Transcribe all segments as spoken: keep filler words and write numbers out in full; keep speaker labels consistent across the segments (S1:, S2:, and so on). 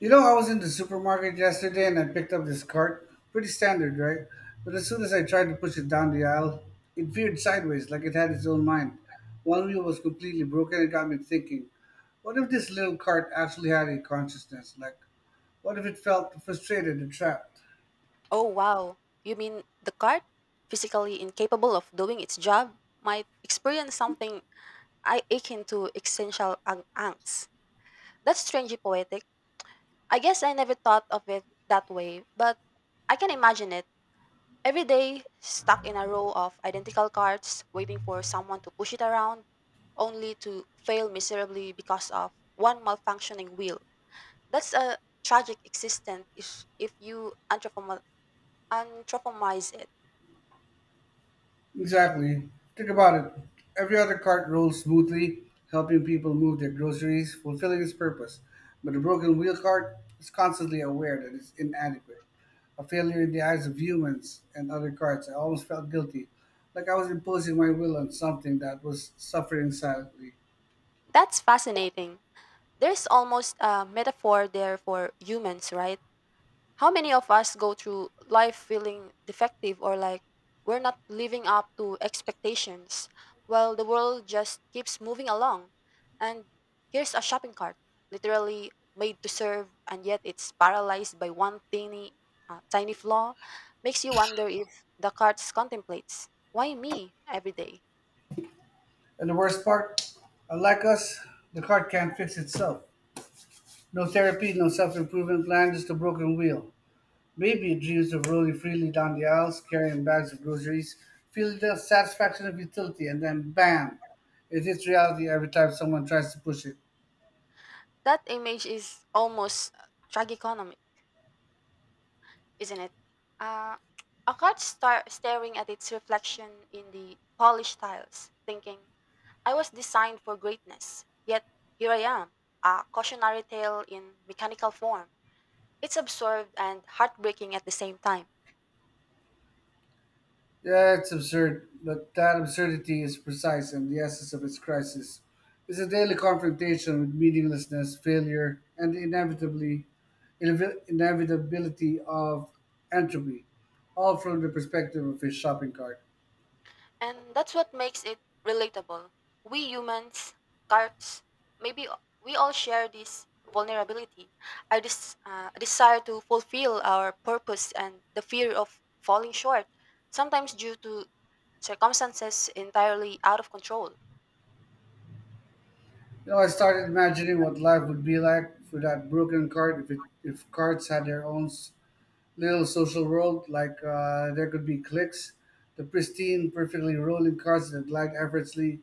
S1: You know, I was in the supermarket yesterday and I picked up this cart. Pretty standard, right? But as soon as I tried to push it down the aisle, it veered sideways like it had its own mind. One wheel was completely broken and got me thinking, what if this little cart actually had a consciousness? Like, what if it felt frustrated and trapped?
S2: Oh wow, you mean the cart, physically incapable of doing its job, might experience something I akin to existential ang- angst. That's strangely poetic. I guess I never thought of it that way, but I can imagine it. Every day, stuck in a row of identical carts, waiting for someone to push it around, only to fail miserably because of one malfunctioning wheel. That's a tragic existence if, if you anthropomo- anthropomorphize it.
S1: Exactly. Think about it. Every other cart rolls smoothly, helping people move their groceries, fulfilling its purpose. But the broken wheel cart is constantly aware that it's inadequate, a failure in the eyes of humans and other carts. I almost felt guilty, like I was imposing my will on something that was suffering silently.
S2: That's fascinating. There's almost a metaphor there for humans, right? How many of us go through life feeling defective or like we're not living up to expectations while the world just keeps moving along? And here's a shopping cart, literally made to serve, and yet it's paralyzed by one tiny, uh, tiny flaw. Makes you wonder if the cart contemplates, why me every day?
S1: And the worst part, unlike us, the cart can't fix itself. No therapy, no self improvement plan, just a broken wheel. Baby dreams of rolling freely down the aisles, carrying bags of groceries, feel the satisfaction of utility, and then bam, it hits reality every time someone tries to push it.
S2: That image is almost tragicomic, isn't it? Uh, I caught star- staring at its reflection in the polished tiles, thinking, I was designed for greatness, yet here I am, a cautionary tale in mechanical form. It's absurd and heartbreaking at the same time.
S1: Yeah, it's absurd, but that absurdity is precise and the essence of its crisis. It's a daily confrontation with meaninglessness, failure, and the inevitably, inevi- inevitability of entropy, all from the perspective of his shopping cart.
S2: And that's what makes it relatable. We humans, carts, maybe we all share this vulnerability, our des- uh, desire to fulfill our purpose and the fear of falling short sometimes due to circumstances entirely out of control.
S1: You know, I started imagining what life would be like without broken card if it, if cards had their own s- little social world. Like uh, there could be cliques, the pristine, perfectly rolling cards that glide effortlessly,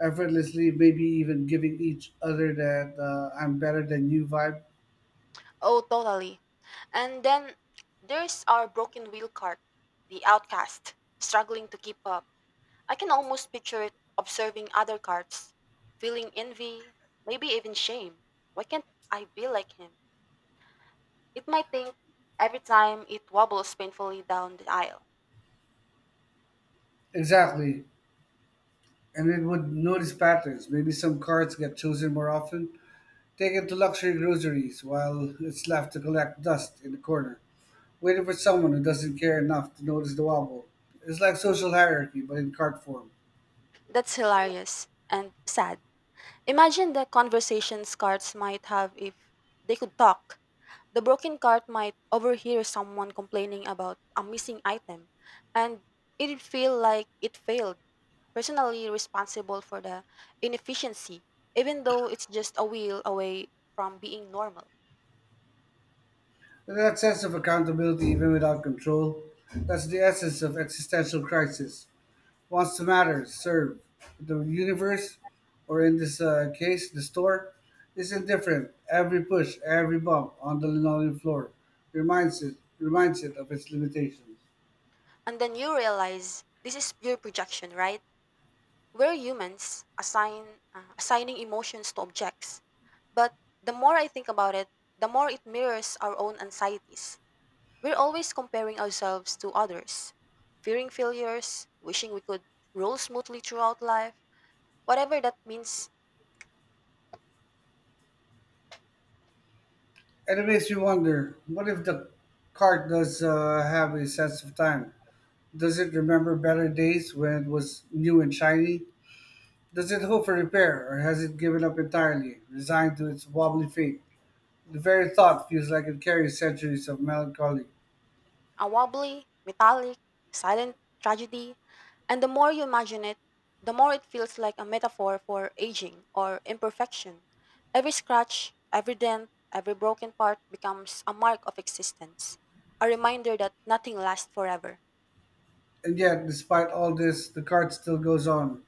S1: effortlessly, maybe even giving each other that uh, "I'm better than you" vibe.
S2: Oh, totally. And then there's our broken wheel cart, the outcast, struggling to keep up. I can almost picture it observing other carts, feeling envy, maybe even shame. Why can't I be like him? It might think every time it wobbles painfully down the aisle.
S1: Exactly, and it would notice patterns. Maybe some cards get chosen more often, taken to luxury groceries, while it's left to collect dust in the corner. Waiting for someone who doesn't care enough to notice the wobble. It's like social hierarchy, but in card form.
S2: That's hilarious and sad. Imagine the conversations carts might have if they could talk. The broken cart might overhear someone complaining about a missing item, and it'd feel like it failed, personally responsible for the inefficiency, even though it's just a wheel away from being normal.
S1: And that sense of accountability, even without control, that's the essence of existential crisis. Wants to matter, serve. The universe, or in this uh, case, the store, is indifferent. Every push, every bump on the linoleum floor reminds it, reminds it of its limitations.
S2: And then you realize this is pure projection, right? We're humans assign, uh, assigning emotions to objects. But the more I think about it, the more it mirrors our own anxieties. We're always comparing ourselves to others, fearing failures, wishing we could roll smoothly throughout life, whatever that means.
S1: And it makes me wonder what if the cart does uh, have a sense of time? Does it remember better days when it was new and shiny? Does it hope for repair, or has it given up entirely, resigned to its wobbly fate? The very thought feels like it carries centuries of melancholy.
S2: A wobbly, metallic, silent tragedy. And the more you imagine it, the more it feels like a metaphor for aging or imperfection. Every scratch, every dent, every broken part becomes a mark of existence, a reminder that nothing lasts forever.
S1: And yet, despite all this, the cart still goes on.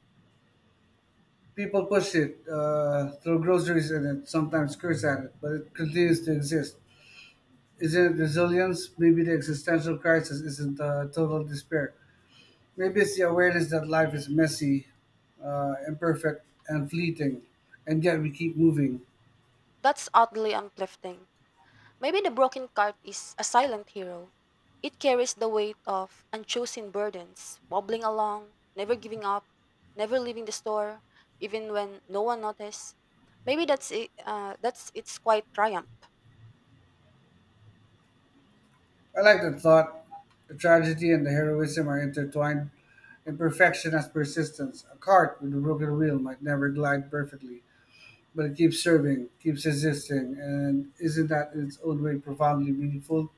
S1: People push it, uh, throw groceries in it, sometimes curse at it, but it continues to exist. Isn't it resilience? Maybe the existential crisis isn't uh, total despair. Maybe it's the awareness that life is messy, uh, imperfect, and fleeting, and yet we keep moving.
S2: That's oddly uplifting. Maybe the broken cart is a silent hero. It carries the weight of unchosen burdens, wobbling along, never giving up, never leaving the store, even when no one noticed. Maybe that's it, uh, that's its quite triumph.
S1: I like the thought. The tragedy and the heroism are intertwined. Imperfection has persistence. A cart with a broken wheel might never glide perfectly, but it keeps serving, keeps existing, and isn't that in its own way profoundly meaningful?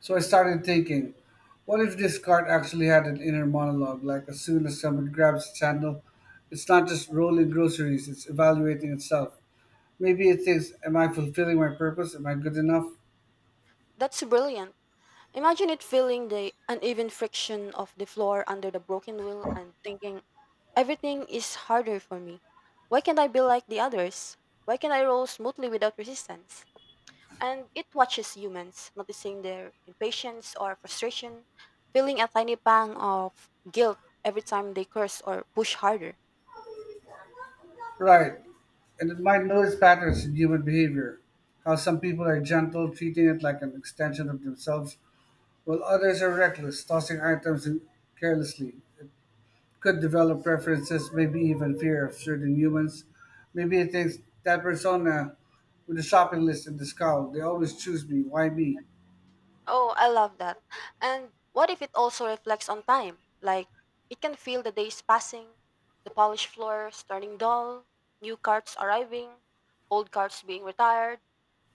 S1: So I started thinking, what if this card actually had an inner monologue? Like, as soon as someone grabs its handle, it's not just rolling groceries, it's evaluating itself. Maybe it thinks, am I fulfilling my purpose? Am I good enough?
S2: That's brilliant. Imagine it feeling the uneven friction of the floor under the broken wheel and thinking, everything is harder for me. Why can't I be like the others? Why can't I roll smoothly without resistance? And it watches humans, noticing their impatience or frustration, feeling a tiny pang of guilt every time they curse or push harder.
S1: Right. And it might notice patterns in human behavior. How some people are gentle, treating it like an extension of themselves, while others are reckless, tossing items in- carelessly. Could develop preferences, maybe even fear of certain humans. Maybe it thinks that persona with the shopping list and the scowl, they always choose me, why me?
S2: Oh, I love that. And what if it also reflects on time? Like, it can feel the days passing, the polished floors turning dull, new carts arriving, old carts being retired,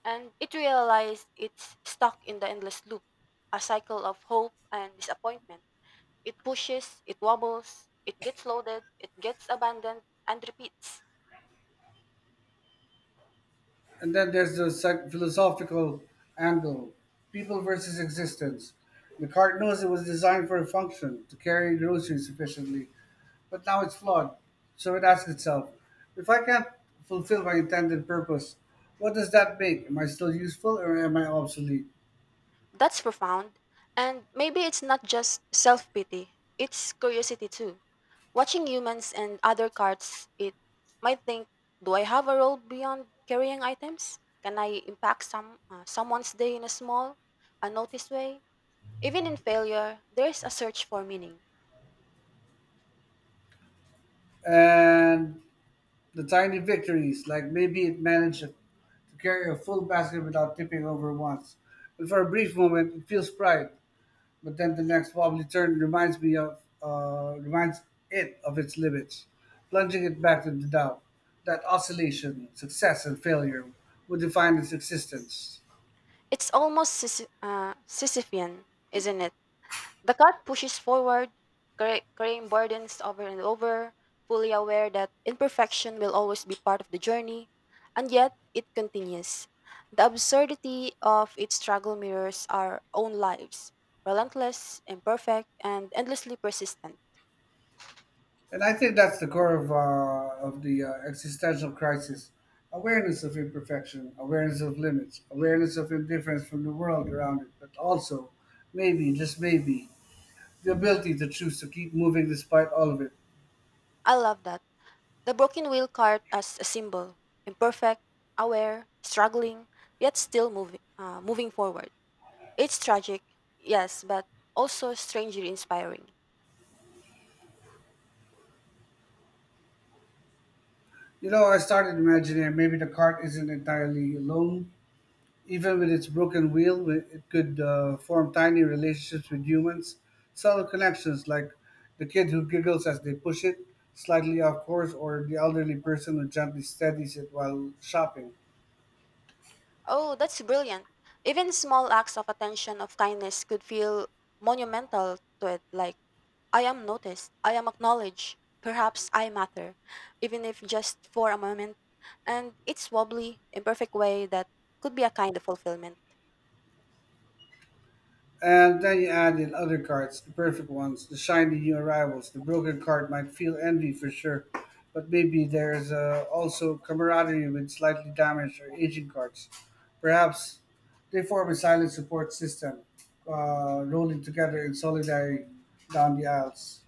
S2: and it realizes it's stuck in the endless loop, a cycle of hope and disappointment. It pushes, it wobbles, it gets loaded, it gets abandoned, and repeats.
S1: And then there's the psych- philosophical angle people versus existence. The cart knows it was designed for a function to carry groceries efficiently, but now it's flawed. So it asks itself, if I can't fulfill my intended purpose, what does that make? Am I still useful or am I obsolete?
S2: That's profound. And maybe it's not just self pity, it's curiosity too. Watching humans and other carts, it might think, do I have a role beyond carrying items? Can I impact some uh, someone's day in a small, unnoticed way? Even in failure, there is a search for meaning.
S1: And the tiny victories, like maybe it managed to carry a full basket without tipping over once. And for a brief moment, it feels pride, but then the next wobbly turn reminds me of uh, reminds it of its limits, plunging it back into doubt. That oscillation, success and failure, would define its existence.
S2: It's almost Sisyph- uh, Sisyphean, isn't it? The cat pushes forward, carry- carrying burdens over and over, fully aware that imperfection will always be part of the journey, and yet it continues. The absurdity of its struggle mirrors our own lives relentless, imperfect, and endlessly persistent.
S1: And I think that's the core of, uh, of the uh, existential crisis awareness of imperfection, awareness of limits, awareness of indifference from the world around it, but also, maybe, just maybe, the ability to choose to keep moving despite all of it.
S2: I love that. The broken wheel cart as a symbol imperfect, aware, struggling, yet still moving, uh, moving forward. It's tragic, yes, but also strangely inspiring.
S1: You know, I started imagining maybe the cart isn't entirely alone. Even with its broken wheel, wi- it could uh, form tiny relationships with humans, subtle connections like the kid who giggles as they push it slightly off course, or the elderly person who gently steadies it while shopping.
S2: Oh, that's brilliant. Even small acts of attention of kindness could feel monumental to it, like I am noticed, I am acknowledged, perhaps I matter, even if just for a moment. And it's wobbly, imperfect way that could be a kind of fulfillment.
S1: And then you add in other cards, the perfect ones, the shiny new arrivals. The broken card might feel envy for sure, but maybe there's uh, also camaraderie with slightly damaged or aging cards. Perhaps they form a silent support system, uh, rolling together in solidarity down the aisles.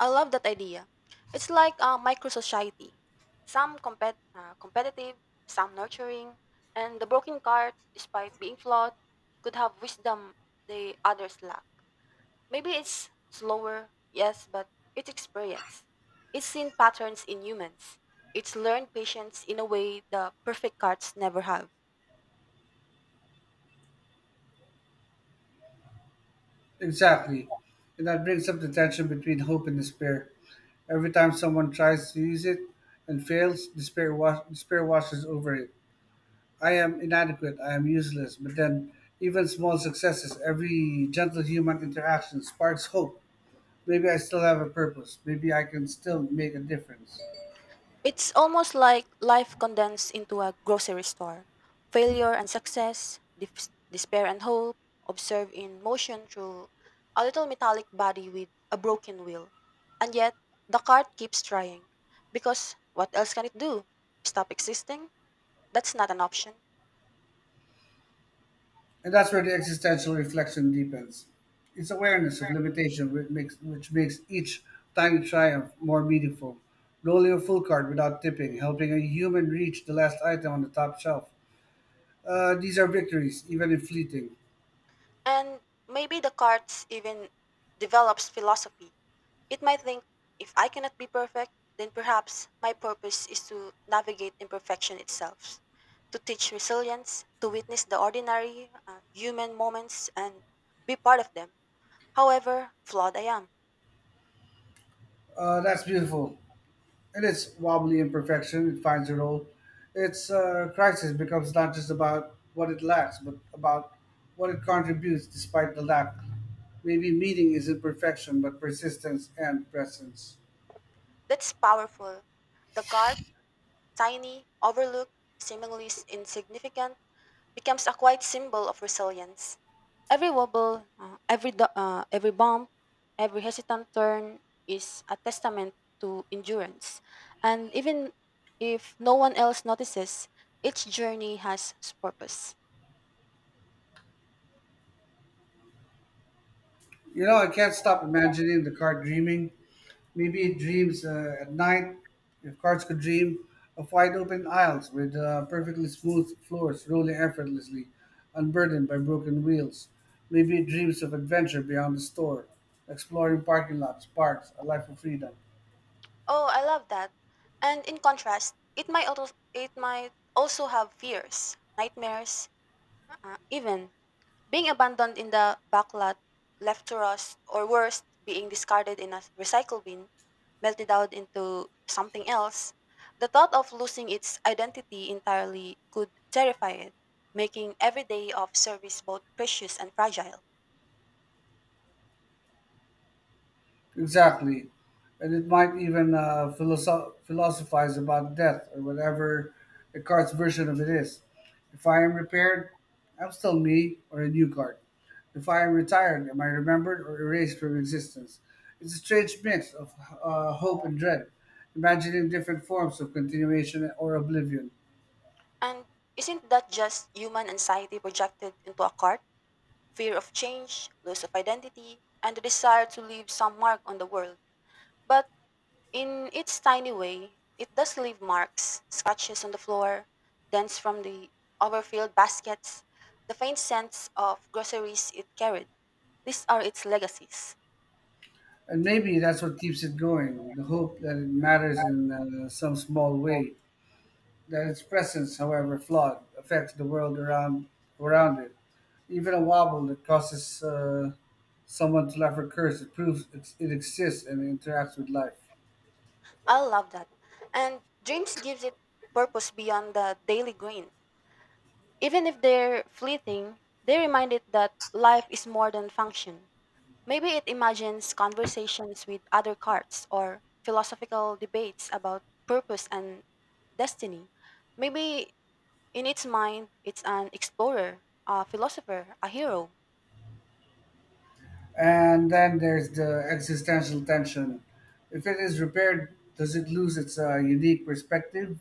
S2: I love that idea. It's like a micro society. Some compet- uh, competitive, some nurturing, and the broken card, despite being flawed, could have wisdom the others lack. Maybe it's slower, yes, but it's experience. It's seen patterns in humans. It's learned patience in a way the perfect cards never have.
S1: Exactly. And that brings up the tension between hope and despair. Every time someone tries to use it and fails, despair, wa- despair washes over it. I am inadequate, I am useless, but then even small successes, every gentle human interaction sparks hope. Maybe I still have a purpose. Maybe I can still make a difference.
S2: It's almost like life condensed into a grocery store. Failure and success, dif- despair and hope, observed in motion through a little metallic body with a broken wheel. And yet, the cart keeps trying. Because what else can it do? Stop existing? That's not an option.
S1: And that's where the existential reflection deepens. It's awareness of limitation which makes, which makes each tiny triumph more meaningful. Rolling a full card without tipping, helping a human reach the last item on the top shelf. Uh, these are victories, even if fleeting.
S2: And maybe the cart even develops philosophy. It might think, if I cannot be perfect, then perhaps my purpose is to navigate imperfection itself, to teach resilience, to witness the ordinary uh, human moments and be part of them, however flawed I am.
S1: Uh, that's beautiful. In its wobbly imperfection, it finds a role. Its uh, crisis becomes not just about what it lacks, but about what it contributes despite the lack. Maybe meaning isn't perfection, but persistence and presence.
S2: That's powerful. The card, tiny, overlooked, seemingly s- insignificant, becomes a quiet symbol of resilience. Every wobble, uh, every, do- uh, every bump, every hesitant turn is a testament to endurance. And even if no one else notices, each journey has its purpose.
S1: You know, I can't stop imagining the card dreaming. Maybe it dreams uh, at night, if cards could dream, of wide open aisles with uh, perfectly smooth floors rolling effortlessly, unburdened by broken wheels. Maybe it dreams of adventure beyond the store, exploring parking lots, parks, a life of freedom.
S2: Oh, I love that. And in contrast, it might also, it might also have fears, nightmares, uh, even being abandoned in the backlot, left to rust, or worse, being discarded in a recycle bin, melted out into something else, the thought of losing its identity entirely could terrify it, making every day of service both precious and fragile.
S1: Exactly. And it might even uh, philosoph- philosophize about death or whatever Descartes' version of it is. If I am repaired, I'm still me or a new card. If I am retired, am I remembered or erased from existence? It's a strange mix of uh, hope and dread, imagining different forms of continuation or oblivion.
S2: And isn't that just human anxiety projected into a cart? Fear of change, loss of identity, and the desire to leave some mark on the world. But in its tiny way, it does leave marks, scratches on the floor, dents from the overfilled baskets, the faint scents of groceries it carried. These are its legacies.
S1: And maybe that's what keeps it going the hope that it matters in uh, some small way, that its presence, however flawed, affects the world around around it. Even a wobble that causes uh, someone to laugh or curse, it proves it, it exists and interacts with life.
S2: I love that. And dreams gives it purpose beyond the daily grind. Even if they're fleeting, they remind it that life is more than function. Maybe it imagines conversations with other cards or philosophical debates about purpose and destiny. Maybe in its mind, it's an explorer, a philosopher, a hero.
S1: And then there's the existential tension. If it is repaired, does it lose its uh, unique perspective?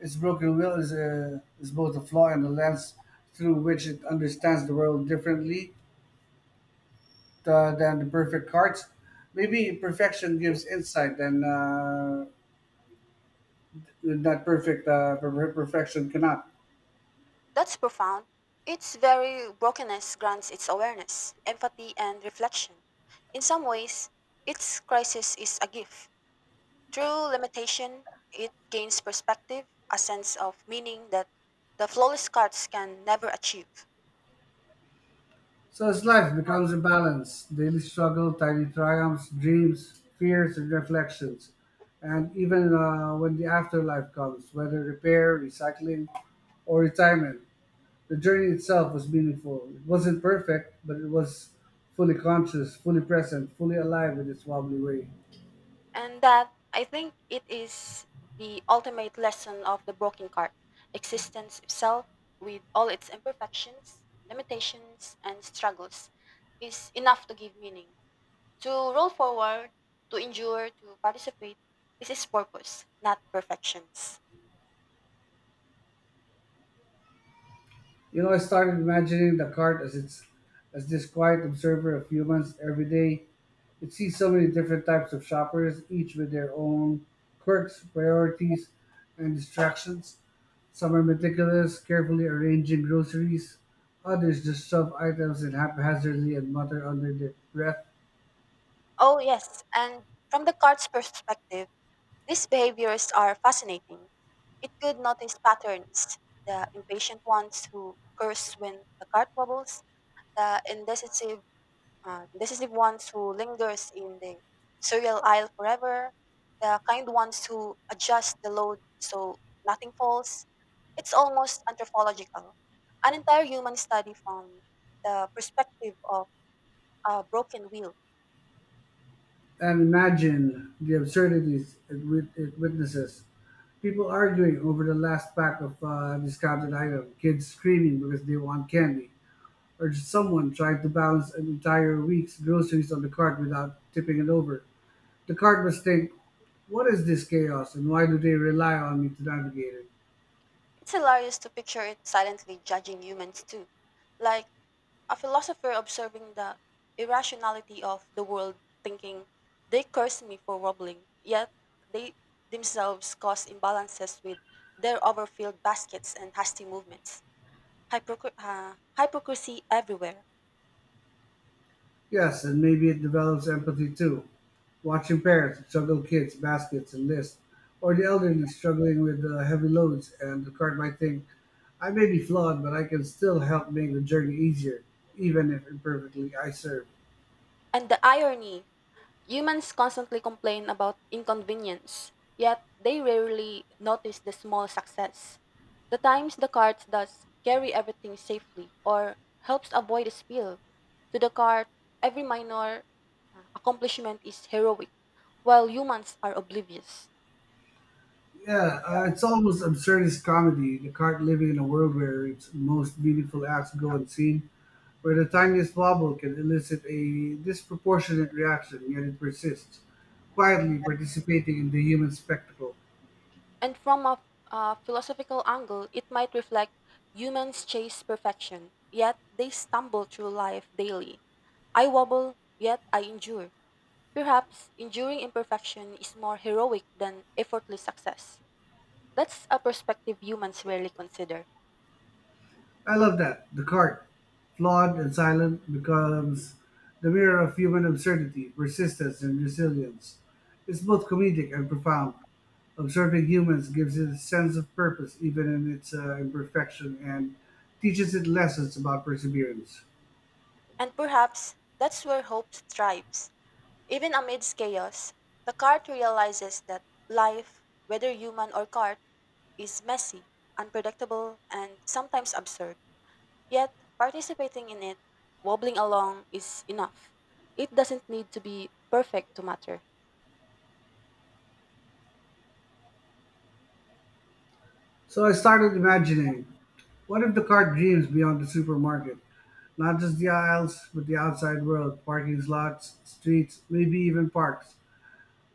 S1: Its broken will is, a, is both a flaw and a lens through which it understands the world differently uh, than the perfect heart. Maybe perfection gives insight and uh, that perfect uh, per- perfection cannot.
S2: That's profound. Its very brokenness grants its awareness, empathy, and reflection. In some ways, its crisis is a gift. Through limitation, it gains perspective, a sense of meaning that the flawless cards can never achieve.
S1: So as life becomes a balance, daily struggle, tiny triumphs, dreams, fears, and reflections, and even uh, when the afterlife comes, whether repair, recycling, or retirement, the journey itself was meaningful. It wasn't perfect, but it was fully conscious, fully present, fully alive in its wobbly way.
S2: And that I think it is the ultimate lesson of the broken card existence itself, with all its imperfections, limitations, and struggles, is enough to give meaning. To roll forward, to endure, to participate, this is purpose, not perfections.
S1: You know, I started imagining the cart as it's as this quiet observer of humans every day. It sees so many different types of shoppers, each with their own quirks, priorities, and distractions. Some are meticulous, carefully arranging groceries. Others just shove items in haphazardly and mutter under their breath.
S2: Oh, yes, and from the card's perspective, these behaviors are fascinating. It could notice patterns, the impatient ones who curse when the card wobbles, the indecisive, uh, decisive ones who lingers in the cereal aisle forever, the kind ones who adjust the load so nothing falls. It's almost anthropological, an entire human study from the perspective of a broken wheel.
S1: And imagine the absurdities it, wit- it witnesses. People arguing over the last pack of uh, discounted item, kids screaming because they want candy. Or someone trying to balance an entire week's groceries on the cart without tipping it over. The cart must think, what is this chaos and why do they rely on me to navigate it?
S2: It's hilarious to picture it silently judging humans too, like a philosopher observing the irrationality of the world thinking, they curse me for wobbling, yet they themselves cause imbalances with their overfilled baskets and hasty movements. Hypocr- uh, hypocrisy everywhere.
S1: Yes, and maybe it develops empathy too. Watching parents juggle kids, baskets, and lists, or the elderly struggling with uh, heavy loads, and the cart might think, I may be flawed, but I can still help make the journey easier, even if imperfectly I serve.
S2: And the irony humans constantly complain about inconvenience, yet they rarely notice the small success. The times the cart does carry everything safely or helps avoid a spill. To the cart, every minor uh, accomplishment is heroic, while humans are oblivious.
S1: Yeah, uh, it's almost absurdist comedy, the cart living in a world where its most meaningful acts go unseen, where the tiniest wobble can elicit a disproportionate reaction, yet it persists, quietly participating in the human spectacle.
S2: And from a uh, philosophical angle, it might reflect humans chase perfection, yet they stumble through life daily. I wobble, yet I endure. Perhaps enduring imperfection is more heroic than effortless success. That's a perspective humans rarely consider.
S1: I love that. The cart, flawed and silent, becomes the mirror of human absurdity, persistence, and resilience. It's both comedic and profound. Observing humans gives it a sense of purpose even in its uh, imperfection and teaches it lessons about perseverance.
S2: And perhaps that's where hope thrives. Even amidst chaos, the cart realizes that life, whether human or cart, is messy, unpredictable, and sometimes absurd. Yet, participating in it, wobbling along, is enough. It doesn't need to be perfect to matter.
S1: So I started imagining what if the cart dreams beyond the supermarket? Not just the aisles, but the outside world, parking lots, streets, maybe even parks.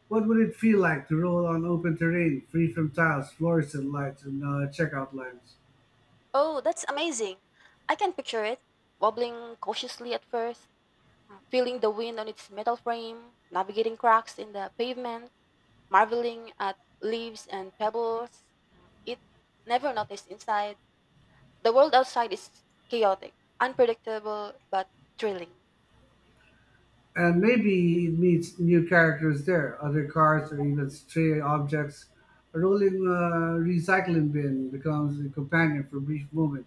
S1: What would it feel like to roll on open terrain, free from tiles, fluorescent lights, and uh, checkout lines?
S2: Oh, that's amazing! I can picture it, wobbling cautiously at first uh, feeling the wind on its metal frame, navigating cracks in the pavement, marveling at leaves and pebbles. Uh, It never noticed inside. The world outside is chaotic, unpredictable, but thrilling.
S1: And maybe it meets new characters there, other cars, or even stray objects. A rolling uh, recycling bin becomes a companion for a brief moment.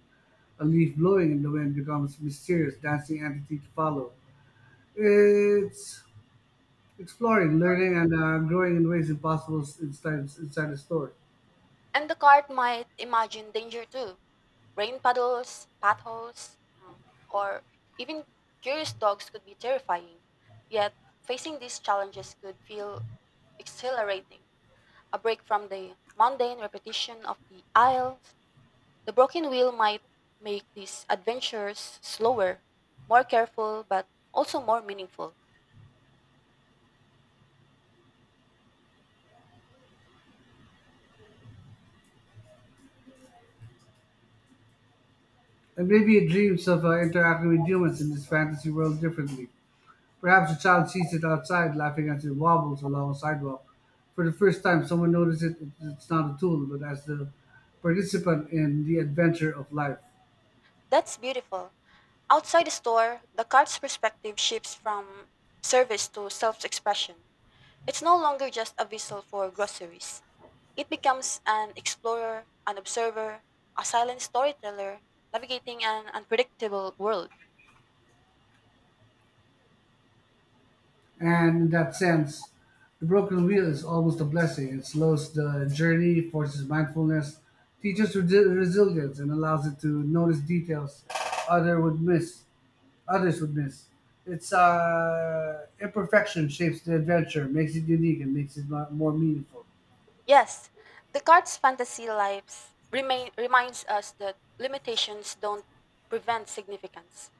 S1: A leaf blowing in the wind becomes mysterious, dancing entity to follow. It's exploring, learning, and uh, growing in ways impossible s- inside, inside a store.
S2: And the cart might imagine danger too rain puddles, potholes, um, or even curious dogs could be terrifying. Yet, facing these challenges could feel exhilarating a break from the mundane repetition of the aisles. The broken wheel might make these adventures slower, more careful, but also more meaningful.
S1: And maybe it dreams of uh, interacting with humans in this fantasy world differently. Perhaps a child sees it outside, laughing as it wobbles along a sidewalk. For the first time, someone notices it, it's not a tool, but as the participant in the adventure of life.
S2: That's beautiful. Outside the store, the cart's perspective shifts from service to self expression. It's no longer just a vessel for groceries, it becomes an explorer, an observer, a silent storyteller, navigating an unpredictable world.
S1: And in that sense, the broken wheel is almost a blessing. It slows the journey, forces mindfulness, teaches resi- resilience, and allows it to notice details other would miss. Others would miss. Its uh, imperfection shapes the adventure, makes it unique, and makes it mo- more meaningful.
S2: Yes, the cart's fantasy lives remain, reminds us that limitations don't prevent significance.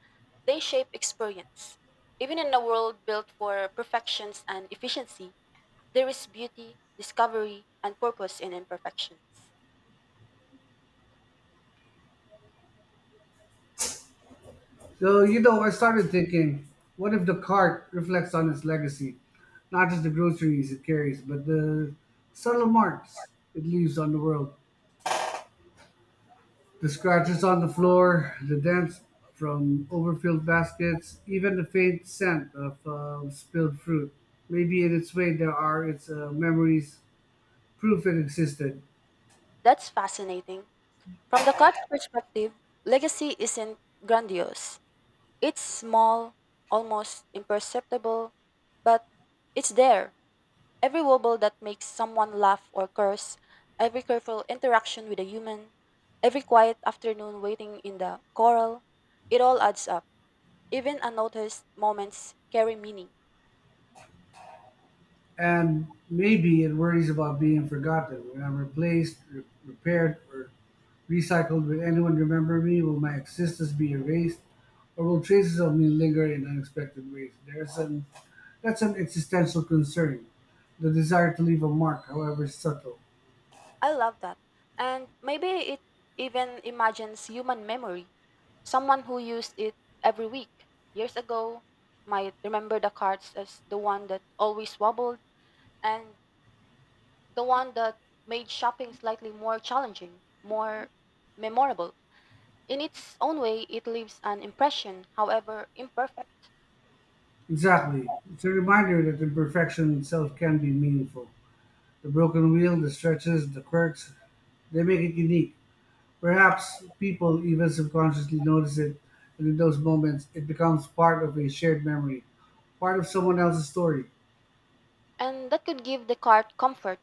S2: They shape experience. Even in a world built for perfections and efficiency, there is beauty, discovery, and purpose in imperfections.
S1: So, you know, I started thinking, what if the cart reflects on its legacy? Not just the groceries it carries, but the subtle marks it leaves on the world. The scratches on the floor, the dents from overfilled baskets, even the faint scent of uh, spilled fruit. Maybe in its way there are its uh, memories, proof it existed.
S2: That's fascinating. From the card's perspective, legacy isn't grandiose. It's small, almost imperceptible, but it's there. Every wobble that makes someone laugh or curse, every careful interaction with a human, every quiet afternoon waiting in the coral, it all adds up. Even unnoticed moments carry meaning.
S1: And maybe it worries about being forgotten. When I'm replaced, re- repaired, or recycled, will anyone remember me? Will my existence be erased? Or will traces of me linger in unexpected ways? There's an, that's an existential concern, the desire to leave a mark, however subtle.
S2: I love that. And maybe it even imagines human memory. Someone who used it every week years ago might remember the cards as the one that always wobbled and the one that made shopping slightly more challenging, more memorable. In its own way, it leaves an impression, however imperfect.
S1: Exactly. It's a reminder that imperfection itself can be meaningful. The broken wheel, the stretches, the quirks, they make it unique. Perhaps people even subconsciously notice it, and in those moments, it becomes part of a shared memory, part of someone else's story.
S2: And that could give the card comfort.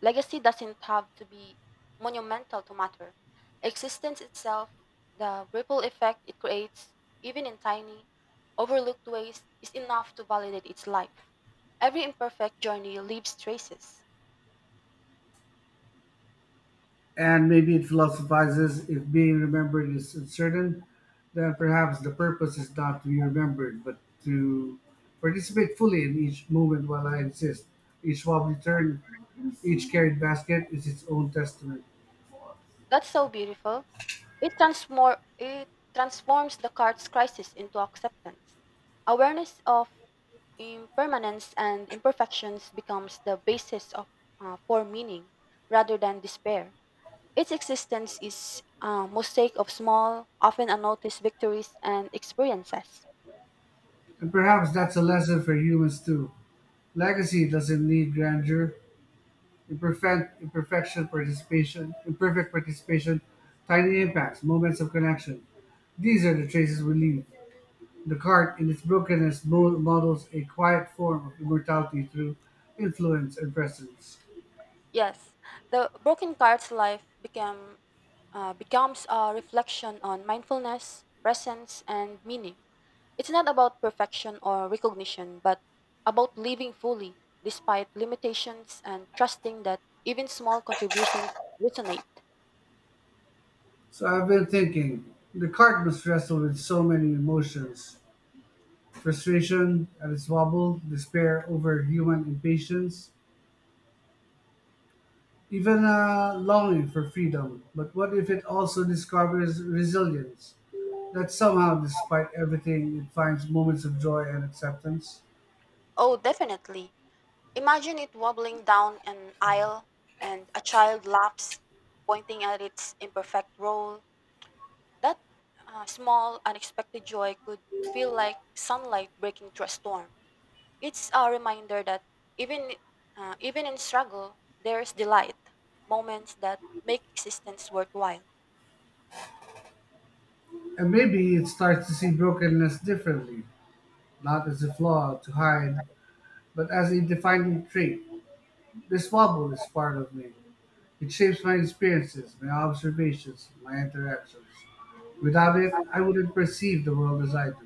S2: Legacy doesn't have to be monumental to matter. Existence itself, the ripple effect it creates, even in tiny, overlooked ways, is enough to validate its life. Every imperfect journey leaves traces.
S1: And maybe it philosophizes if being remembered is uncertain, then perhaps the purpose is not to be remembered, but to participate fully in each moment while I exist. Each wobbly turn, each carried basket is its own testament.
S2: That's so beautiful. It, transmor- it transforms the card's crisis into acceptance. Awareness of impermanence and imperfections becomes the basis of, uh, for meaning rather than despair. Its existence is a mosaic of small, often unnoticed victories and experiences.
S1: And perhaps that's a lesson for humans too. Legacy doesn't need grandeur. Imperfect imperfection participation, imperfect participation, tiny impacts, moments of connection. These are the traces we leave. The cart in its brokenness, mo- models a quiet form of immortality through influence and presence.
S2: Yes, the broken card's life became, uh, becomes a reflection on mindfulness, presence, and meaning. It's not about perfection or recognition, but about living fully despite limitations and trusting that even small contributions resonate.
S1: So I've been thinking, the cart must wrestle with so many emotions, frustration at its wobble, despair over human impatience, even a longing for freedom. But what if it also discovers resilience? That somehow, despite everything, it finds moments of joy and acceptance.
S2: Oh, definitely. Imagine it wobbling down an aisle and a child laughs, pointing at its imperfect roll. That uh, small, unexpected joy could feel like sunlight breaking through a storm. It's a reminder that even, uh, even in struggle, there's delight, moments that make existence worthwhile.
S1: And maybe it starts to see brokenness differently, not as a flaw to hide, but as a defining trait. This wobble is part of me. It shapes my experiences, my observations, my interactions. Without it, I wouldn't perceive the world as I do.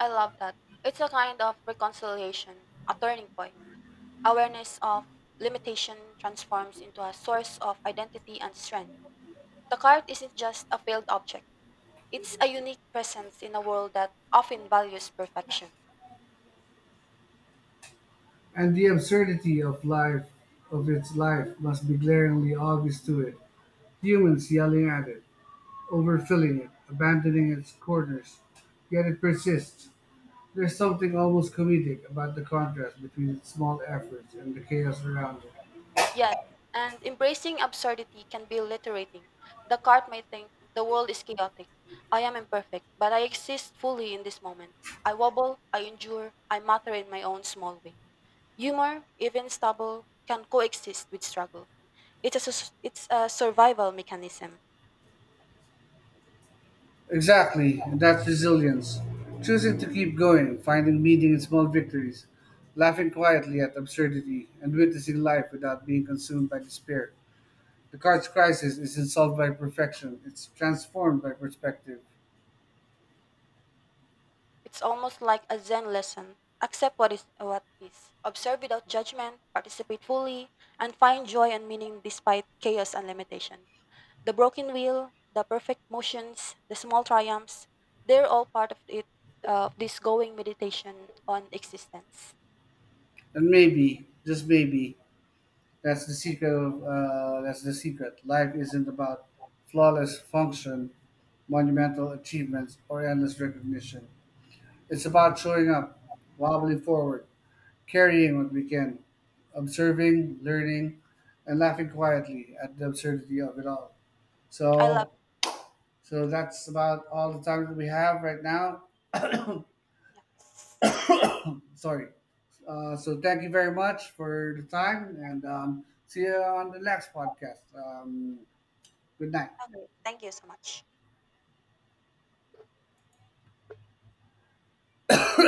S2: I love that. It's a kind of reconciliation, a turning point. Awareness of limitation transforms into a source of identity and strength. The cart isn't just a failed object, it's a unique presence in a world that often values perfection.
S1: And the absurdity of life, of its life, must be glaringly obvious to it. Humans yelling at it, overfilling it, abandoning its corners, yet it persists. There's something almost comedic about the contrast between its small efforts and the chaos around it.
S2: Yes, and embracing absurdity can be liberating. The cart may think, the world is chaotic. I am imperfect, but I exist fully in this moment. I wobble, I endure, I matter in my own small way. Humor, even stubble, can coexist with struggle. It's a, sus- it's a survival mechanism.
S1: Exactly, and that's resilience. Choosing to keep going, finding meaning in small victories, laughing quietly at absurdity, and witnessing life without being consumed by despair. The card's crisis isn't solved by perfection, it's transformed by perspective.
S2: It's almost like a Zen lesson. Accept what is what is. Observe without judgment, participate fully, and find joy and meaning despite chaos and limitation. The broken wheel, the perfect motions, the small triumphs, they're all part of it of this going meditation on existence.
S1: And maybe, just maybe, that's the secret of uh, that's the secret. Life isn't about flawless function, monumental achievements, or endless recognition. It's about showing up, wobbling forward, carrying what we can, observing, learning, and laughing quietly at the absurdity of it all.
S2: I love
S1: So, so that's about all the time that we have right now.
S2: yes.
S1: Sorry. Uh, so thank you very much for the time, and um, see you on the next podcast. Um, good night.
S2: Okay, thank you so much.